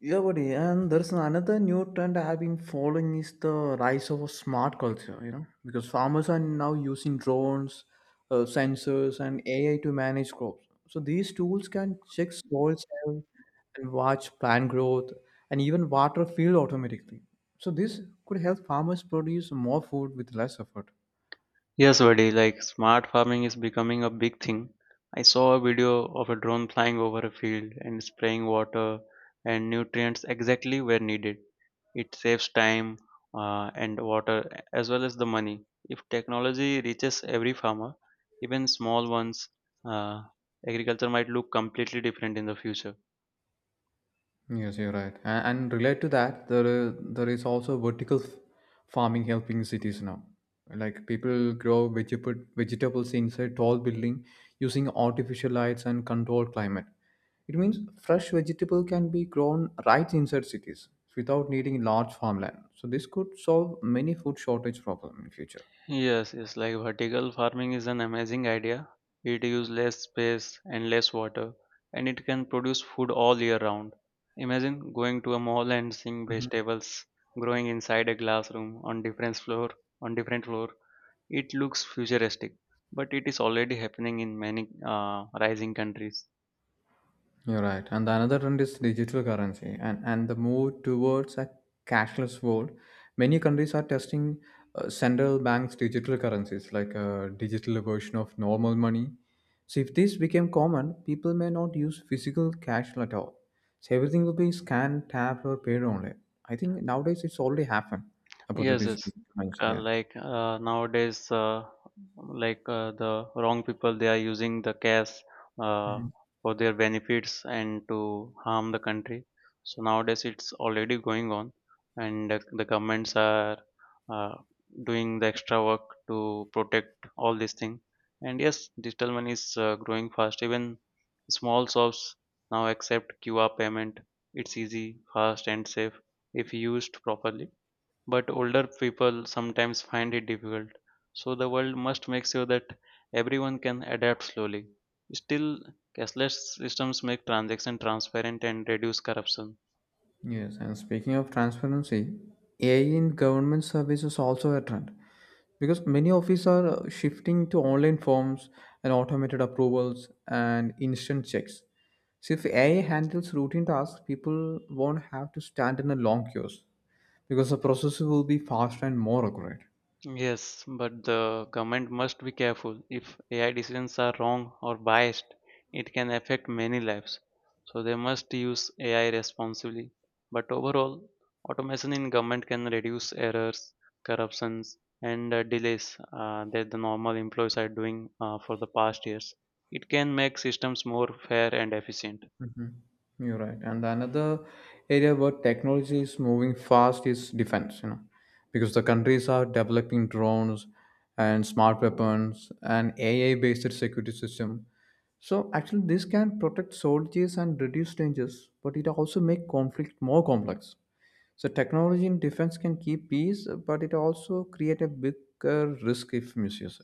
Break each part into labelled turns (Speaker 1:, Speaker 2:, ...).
Speaker 1: Yeah, buddy, and there's another new trend I have been following is the rise of a smart culture, you know, because farmers are now using drones, sensors, and AI to manage crops. So these tools can check soil health and watch plant growth and even water field automatically. So this could help farmers produce more food with less effort.
Speaker 2: Yes, buddy, like smart farming is becoming a big thing. I saw a video of a drone flying over a field and spraying water and nutrients exactly where needed. It saves time and water as well as the money. If technology reaches every farmer, even small ones, uh, agriculture might look completely different in the future.
Speaker 1: Yes, you're right. And relate to that, there is also vertical farming helping cities now. Like people grow vegetables inside tall building using artificial lights and controlled climate. It means fresh vegetable can be grown right inside cities without needing large farmland. So this could solve many food shortage problem in future.
Speaker 2: Yes, yes, like vertical farming is an amazing idea. It uses less space and less water, and it can produce food all year round. Imagine going to a mall and seeing vegetables growing inside a classroom on different floor. It looks futuristic, but it is already happening in many rising countries.
Speaker 1: You're right. And the another trend is digital currency and the move towards a cashless world. Many countries are testing central banks' digital currencies, like a digital version of normal money. So, if this became common, people may not use physical cash at all. So, everything will be scanned, tapped, or paid only. I think nowadays it's already happened about the
Speaker 2: Yes,
Speaker 1: digital
Speaker 2: yes.
Speaker 1: currency. Yeah.
Speaker 2: Nowadays, the wrong people, they are using the cash uh, for their benefits and to harm the country. So nowadays, it's already going on, and the governments are uh, doing the extra work to protect all these things. And yes, digital money is growing fast. Even small shops now accept QR payment. It's easy, fast, and safe if used properly, but older people sometimes find it difficult. So the world must make sure that everyone can adapt slowly. Still, cashless systems make transaction transparent and reduce corruption.
Speaker 1: Yes, and speaking of transparency, AI in government service is also a trend because many offices are shifting to online forms and automated approvals and instant checks. So if AI handles routine tasks, people won't have to stand in a long queues because the process will be faster and more accurate.
Speaker 2: Yes, but the government must be careful. If AI decisions are wrong or biased, it can affect many lives. So they must use AI responsibly. But overall, automation in government can reduce errors, corruptions, and delays that the normal employees are doing for the past years. It can make systems more fair and efficient.
Speaker 1: You're right. And another area where technology is moving fast is defense, you know, because the countries are developing drones and smart weapons and AI based security system. So actually this can protect soldiers and reduce dangers, but it also make conflict more complex. So technology in defense can keep peace, but it also create a bigger risk if misused.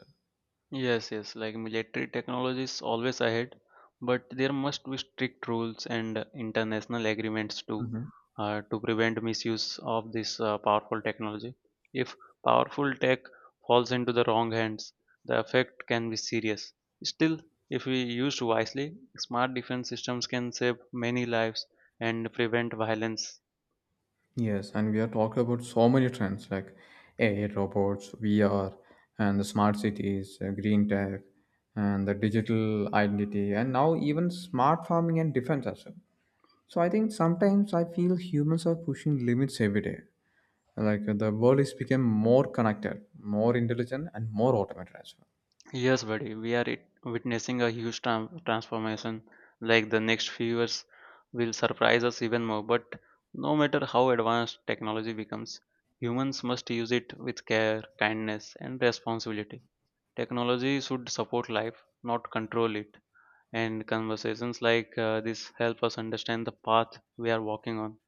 Speaker 2: Yes, yes, like military technology is always ahead, but there must be strict rules and international agreements too, to prevent misuse of this powerful technology. If powerful tech falls into the wrong hands, the effect can be serious. Still, if we used wisely, smart defense systems can save many lives and prevent violence.
Speaker 1: Yes, and we are talking about so many trends like AI, robots, VR, and the smart cities, green tech, and the digital identity, and now even smart farming and defense as well. So I think sometimes I feel humans are pushing limits every day. Like the world is become more connected, more intelligent, and more automated as well.
Speaker 2: Yes, buddy, we are witnessing a huge transformation. Like the next few years will surprise us even more. But no matter how advanced technology becomes, humans must use it with care, kindness, and responsibility. Technology should support life, not control it. And conversations like this help us understand the path we are walking on.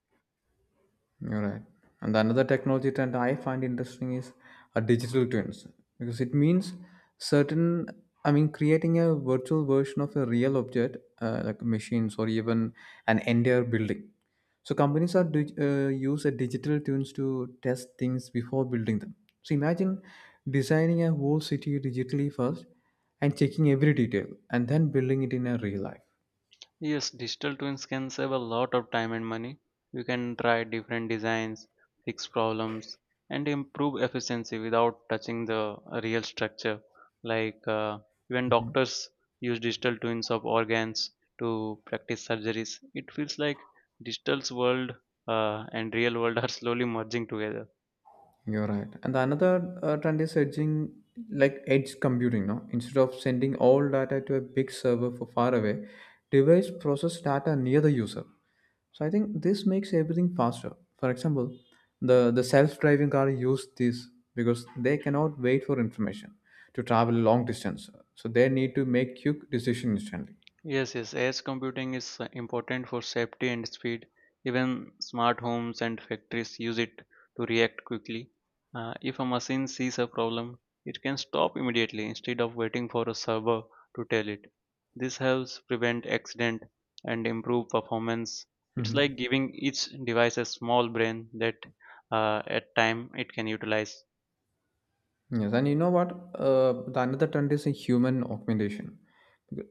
Speaker 1: You're right. And another technology trend I find interesting is a digital twins because it means certain, creating a virtual version of a real object like machines or even an entire building. So companies are use a digital twins to test things before building them. So imagine designing a whole city digitally first and checking every detail and then building it in a real life.
Speaker 2: Yes, digital twins can save a lot of time and money. You can try different designs, fix problems, and improve efficiency without touching the real structure. Like uh, Even doctors use digital twins of organs to practice surgeries. It feels like digital's world and real world are slowly merging together.
Speaker 1: You're right. And another trend is edging, like edge computing. No, instead of sending all data to a big server for far away, device process data near the user. So I think this makes everything faster. For example, the self-driving car use this because they cannot wait for information to travel long distance. So they need to make quick decision instantly.
Speaker 2: Yes, yes, edge computing is important for safety and speed. Even smart homes and factories use it to react quickly. If a machine sees a problem, it can stop immediately instead of waiting for a server to tell it. This helps prevent accident and improve performance. It's
Speaker 1: Mhm.
Speaker 2: like giving each device a small brain that at time it can utilize.
Speaker 1: Yes, and you know what? The another trend is a human augmentation.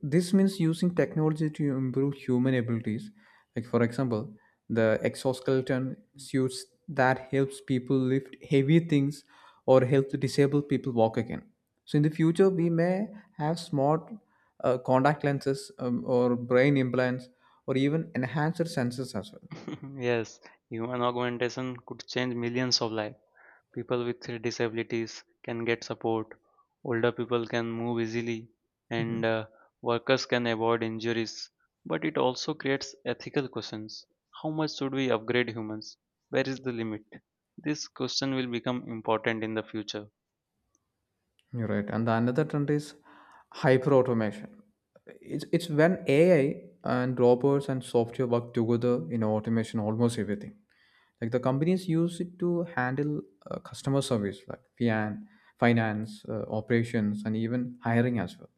Speaker 1: This means using technology to improve human abilities. Like for example, the exoskeleton suits that helps people lift heavy things or helps disabled people walk again. So in the future, we may have smart contact lenses or brain implants or even enhanced sensors as well.
Speaker 2: Yes, human augmentation could change millions of lives. People with disabilities can get support, older people can move easily, and
Speaker 1: Mhm.
Speaker 2: workers can avoid injuries. But it also creates ethical questions. How much should we upgrade humans? Where is the limit? This question will become important in the future.
Speaker 1: You're right. And the another trend is hyper automation. It's when AI and robots and software work together in automation almost everything. Like the companies use it to handle customer service, like finance, operations, and even hiring as well.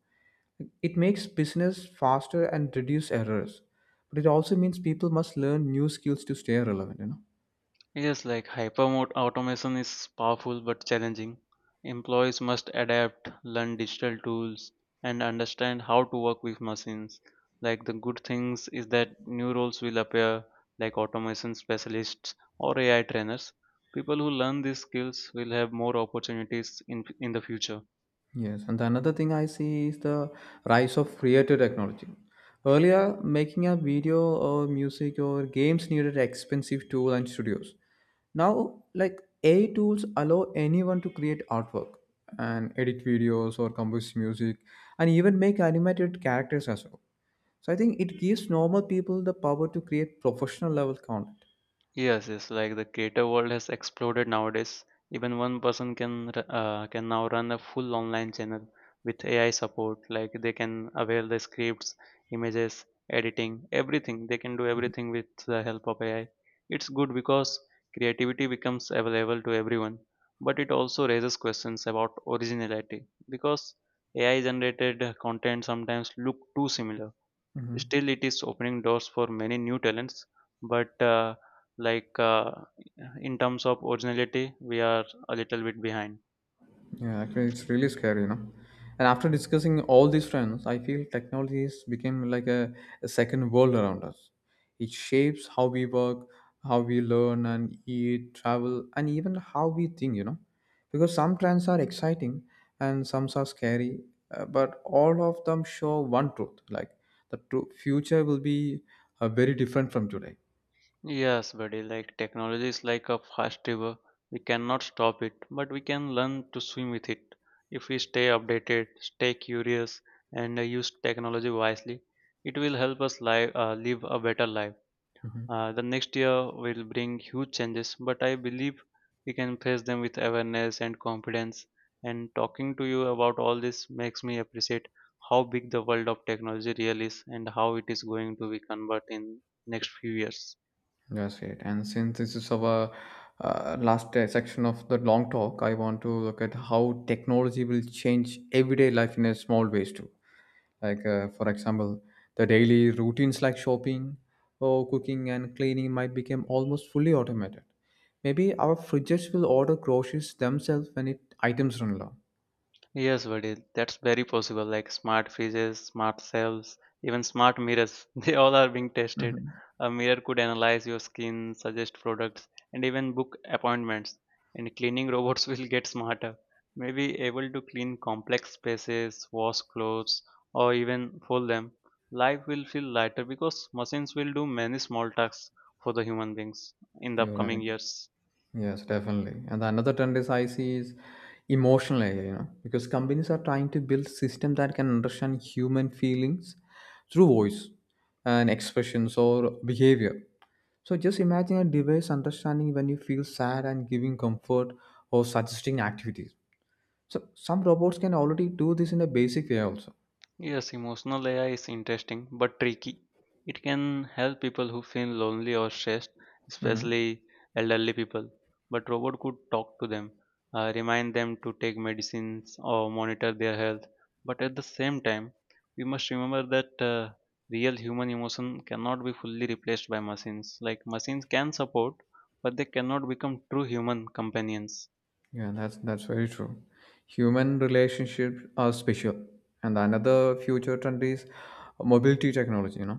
Speaker 1: It makes business faster and reduce errors. But it also means people must learn new skills to stay relevant, you know?
Speaker 2: Yes, like automation is powerful but challenging. Employees must adapt, learn digital tools, and understand how to work with machines. Like the good things is that new roles will appear, like automation specialists or AI trainers. People who learn these skills will have more opportunities in the future.
Speaker 1: Yes, and another thing I see is the rise of creative technology. Earlier, making a video or music or games needed expensive tool and studios. Now, like AI tools allow anyone to create artwork and edit videos or compose music and even make animated characters as well. So I think it gives normal people the power to create professional level content.
Speaker 2: Yes, yes. Like the creator world has exploded nowadays. Even one person can can now run a full online channel with AI support. Like they can avail the scripts, images, editing, everything. They can do
Speaker 1: Mhm.
Speaker 2: everything with the help of AI. It's good because creativity becomes available to everyone, but it also raises questions about originality because AI generated content sometimes look too similar.
Speaker 1: Mhm.
Speaker 2: Still, it is opening doors for many new talents. But like In terms of originality, we are a little bit behind.
Speaker 1: Yeah, actually, it's really scary, you know. And after discussing all these trends, I feel technology is became like a second world around us. It shapes how we work, how we learn and eat, travel, and even how we think, you know. Because some trends are exciting and some are scary, but all of them show one truth: like the true future will be very different from today.
Speaker 2: Yes, buddy. Like technology is like a fast river. We cannot stop it, but we can learn to swim with it. If we stay updated, stay curious, and use technology wisely, it will help us live a better life.
Speaker 1: Mhm.
Speaker 2: The next year will bring huge changes, but I believe we can face them with awareness and confidence. And talking to you about all this makes me appreciate how big the world of technology really is and how it is going to be converted in next few years.
Speaker 1: That's great. And since this is our last section of the long talk, I want to look at how technology will change everyday life in a small ways too. Like, for example, the daily routines like shopping or cooking and cleaning might become almost fully automated. Maybe our fridges will order groceries themselves when it items run low.
Speaker 2: Yes, buddy, that's very possible. Like smart fridges, smart shelves, even smart mirrors, they all are being tested.
Speaker 1: Hmm.
Speaker 2: A mirror could analyze your skin, suggest products, and even book appointments. And cleaning robots will get smarter, maybe able to clean complex spaces, wash clothes, or even fold them. Life will feel lighter because machines will do many small tasks for the human beings in the
Speaker 1: You're right.
Speaker 2: upcoming years.
Speaker 1: Yes, definitely. And the another trend is I see is emotional layer, you know, because companies are trying to build system that can understand human feelings through voice and expressions or behavior. So just imagine a device understanding when you feel sad and giving comfort or suggesting activities. So some robots can already do this in a basic way also.
Speaker 2: Yes, emotional AI is interesting but tricky. It can help people who feel lonely or stressed,
Speaker 1: Mhm.
Speaker 2: especially elderly people. But robot could talk to them, remind them to take medicines or monitor their health. But at the same time, we must remember that real human emotion cannot be fully replaced by machines. Like machines can support, but they cannot become true human companions.
Speaker 1: Yeah, that's very true. Human relationships are special, and another future trend is mobility technology. You know,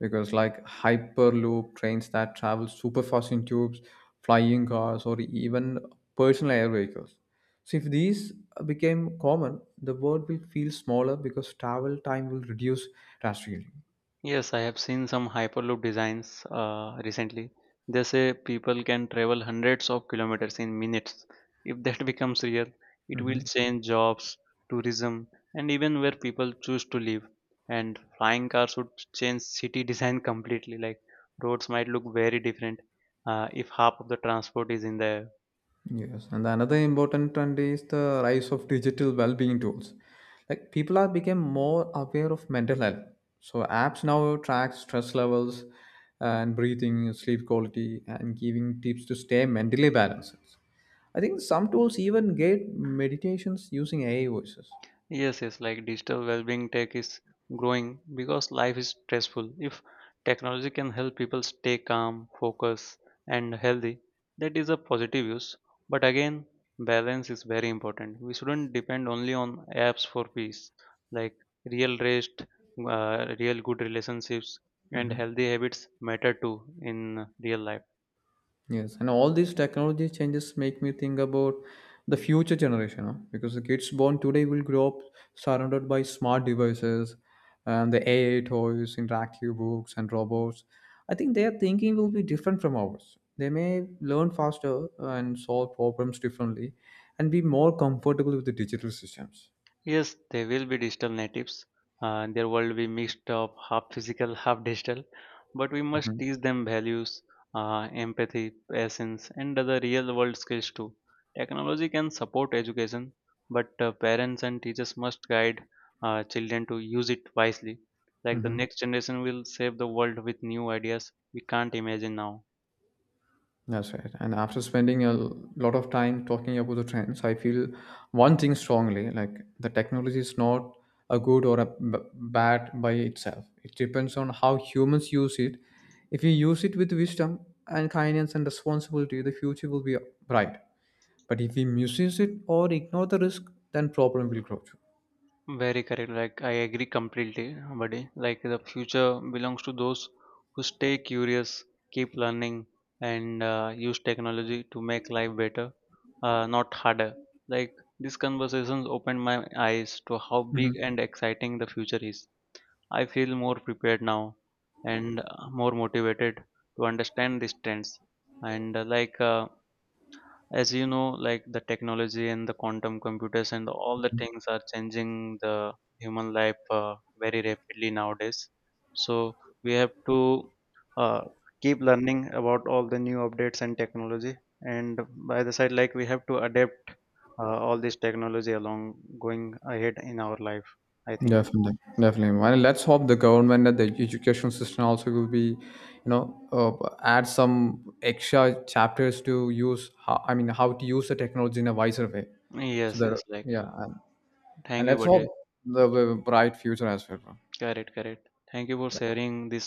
Speaker 1: because like hyperloop trains that travel super fast in tubes, flying cars, or even personal air vehicles. So if these became common, the world will feel smaller because travel time will reduce drastically.
Speaker 2: Yes, I have seen some Hyperloop designs recently. They say people can travel hundreds of kilometers in minutes. If that becomes real, it will
Speaker 1: Hmm.
Speaker 2: change jobs, tourism, and even where people choose to live. And flying cars would change city design completely. Like roads might look very different if half of the transport is in the air.
Speaker 1: Yes, and another important trend is the rise of digital well-being tools. Like people are become more aware of mental health. So apps now track stress levels and breathing, sleep quality, and giving tips to stay mentally balanced. I think some tools even get meditations using AI voices.
Speaker 2: Yes, yes, like digital well-being tech is growing because life is stressful. If technology can help people stay calm, focused, and healthy, that is a positive use. But again, balance is very important. We shouldn't depend only on apps for peace. Like real rest, real good relationships, and healthy habits matter too in real life.
Speaker 1: Yes, and all these technology changes make me think about the future generation, huh? Because the kids born today will grow up surrounded by smart devices and the AI toys, interactive books, and robots. I think their thinking will be different from ours. They may learn faster and solve problems differently and be more comfortable with the digital systems.
Speaker 2: Yes, they will be digital natives. Their world will be mixed up, half physical, half digital. But we must
Speaker 1: Mhm.
Speaker 2: teach them values, empathy, patience, and other real world skills too. Technology can support education, but parents and teachers must guide children to use it wisely. Like the
Speaker 1: Mhm.
Speaker 2: next generation will save the world with new ideas we can't imagine now.
Speaker 1: That's right. And after spending a lot of time talking about the trends, I feel one thing strongly like the technology is not a good or a bad by itself. It depends on how humans use it. If we use it with wisdom and kindness and responsibility, the future will be bright. But if we misuse it or ignore the risk, then problem will grow too.
Speaker 2: Very correct. Like I agree completely, buddy. Like the future belongs to those who stay curious, keep learning, and use technology to make life better, not harder. Like these conversations opened my eyes to how
Speaker 1: Mhm.
Speaker 2: big and exciting the future is. I feel more prepared now and more motivated to understand these trends. And as you know, like the technology and the quantum computers and all the things are changing the human life very rapidly nowadays, so we have to uh, keep learning about all the new updates and technology, and by the side, like we have to adapt all this technology along, going ahead in our life, I think.
Speaker 1: Definitely, definitely. And let's hope the government and the education system also will be, you know, add some extra chapters to use. How, I mean, how to use the technology in a wiser way. So
Speaker 2: Yes,
Speaker 1: that
Speaker 2: yes, like
Speaker 1: yeah, and
Speaker 2: thank you,
Speaker 1: let's hope
Speaker 2: buddy.
Speaker 1: the bright future as well. Bro.
Speaker 2: Correct, correct, thank you for sharing this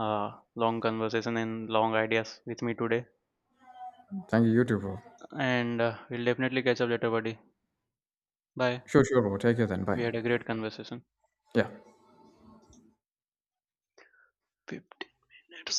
Speaker 2: uh, long conversation and long ideas with me today.
Speaker 1: Thank you, you too, bro.
Speaker 2: And we'll definitely catch up later, buddy. Bye.
Speaker 1: Sure, sure, bro. Take care then. Bye.
Speaker 2: We had a great conversation.
Speaker 1: Yeah.
Speaker 2: 15 minutes.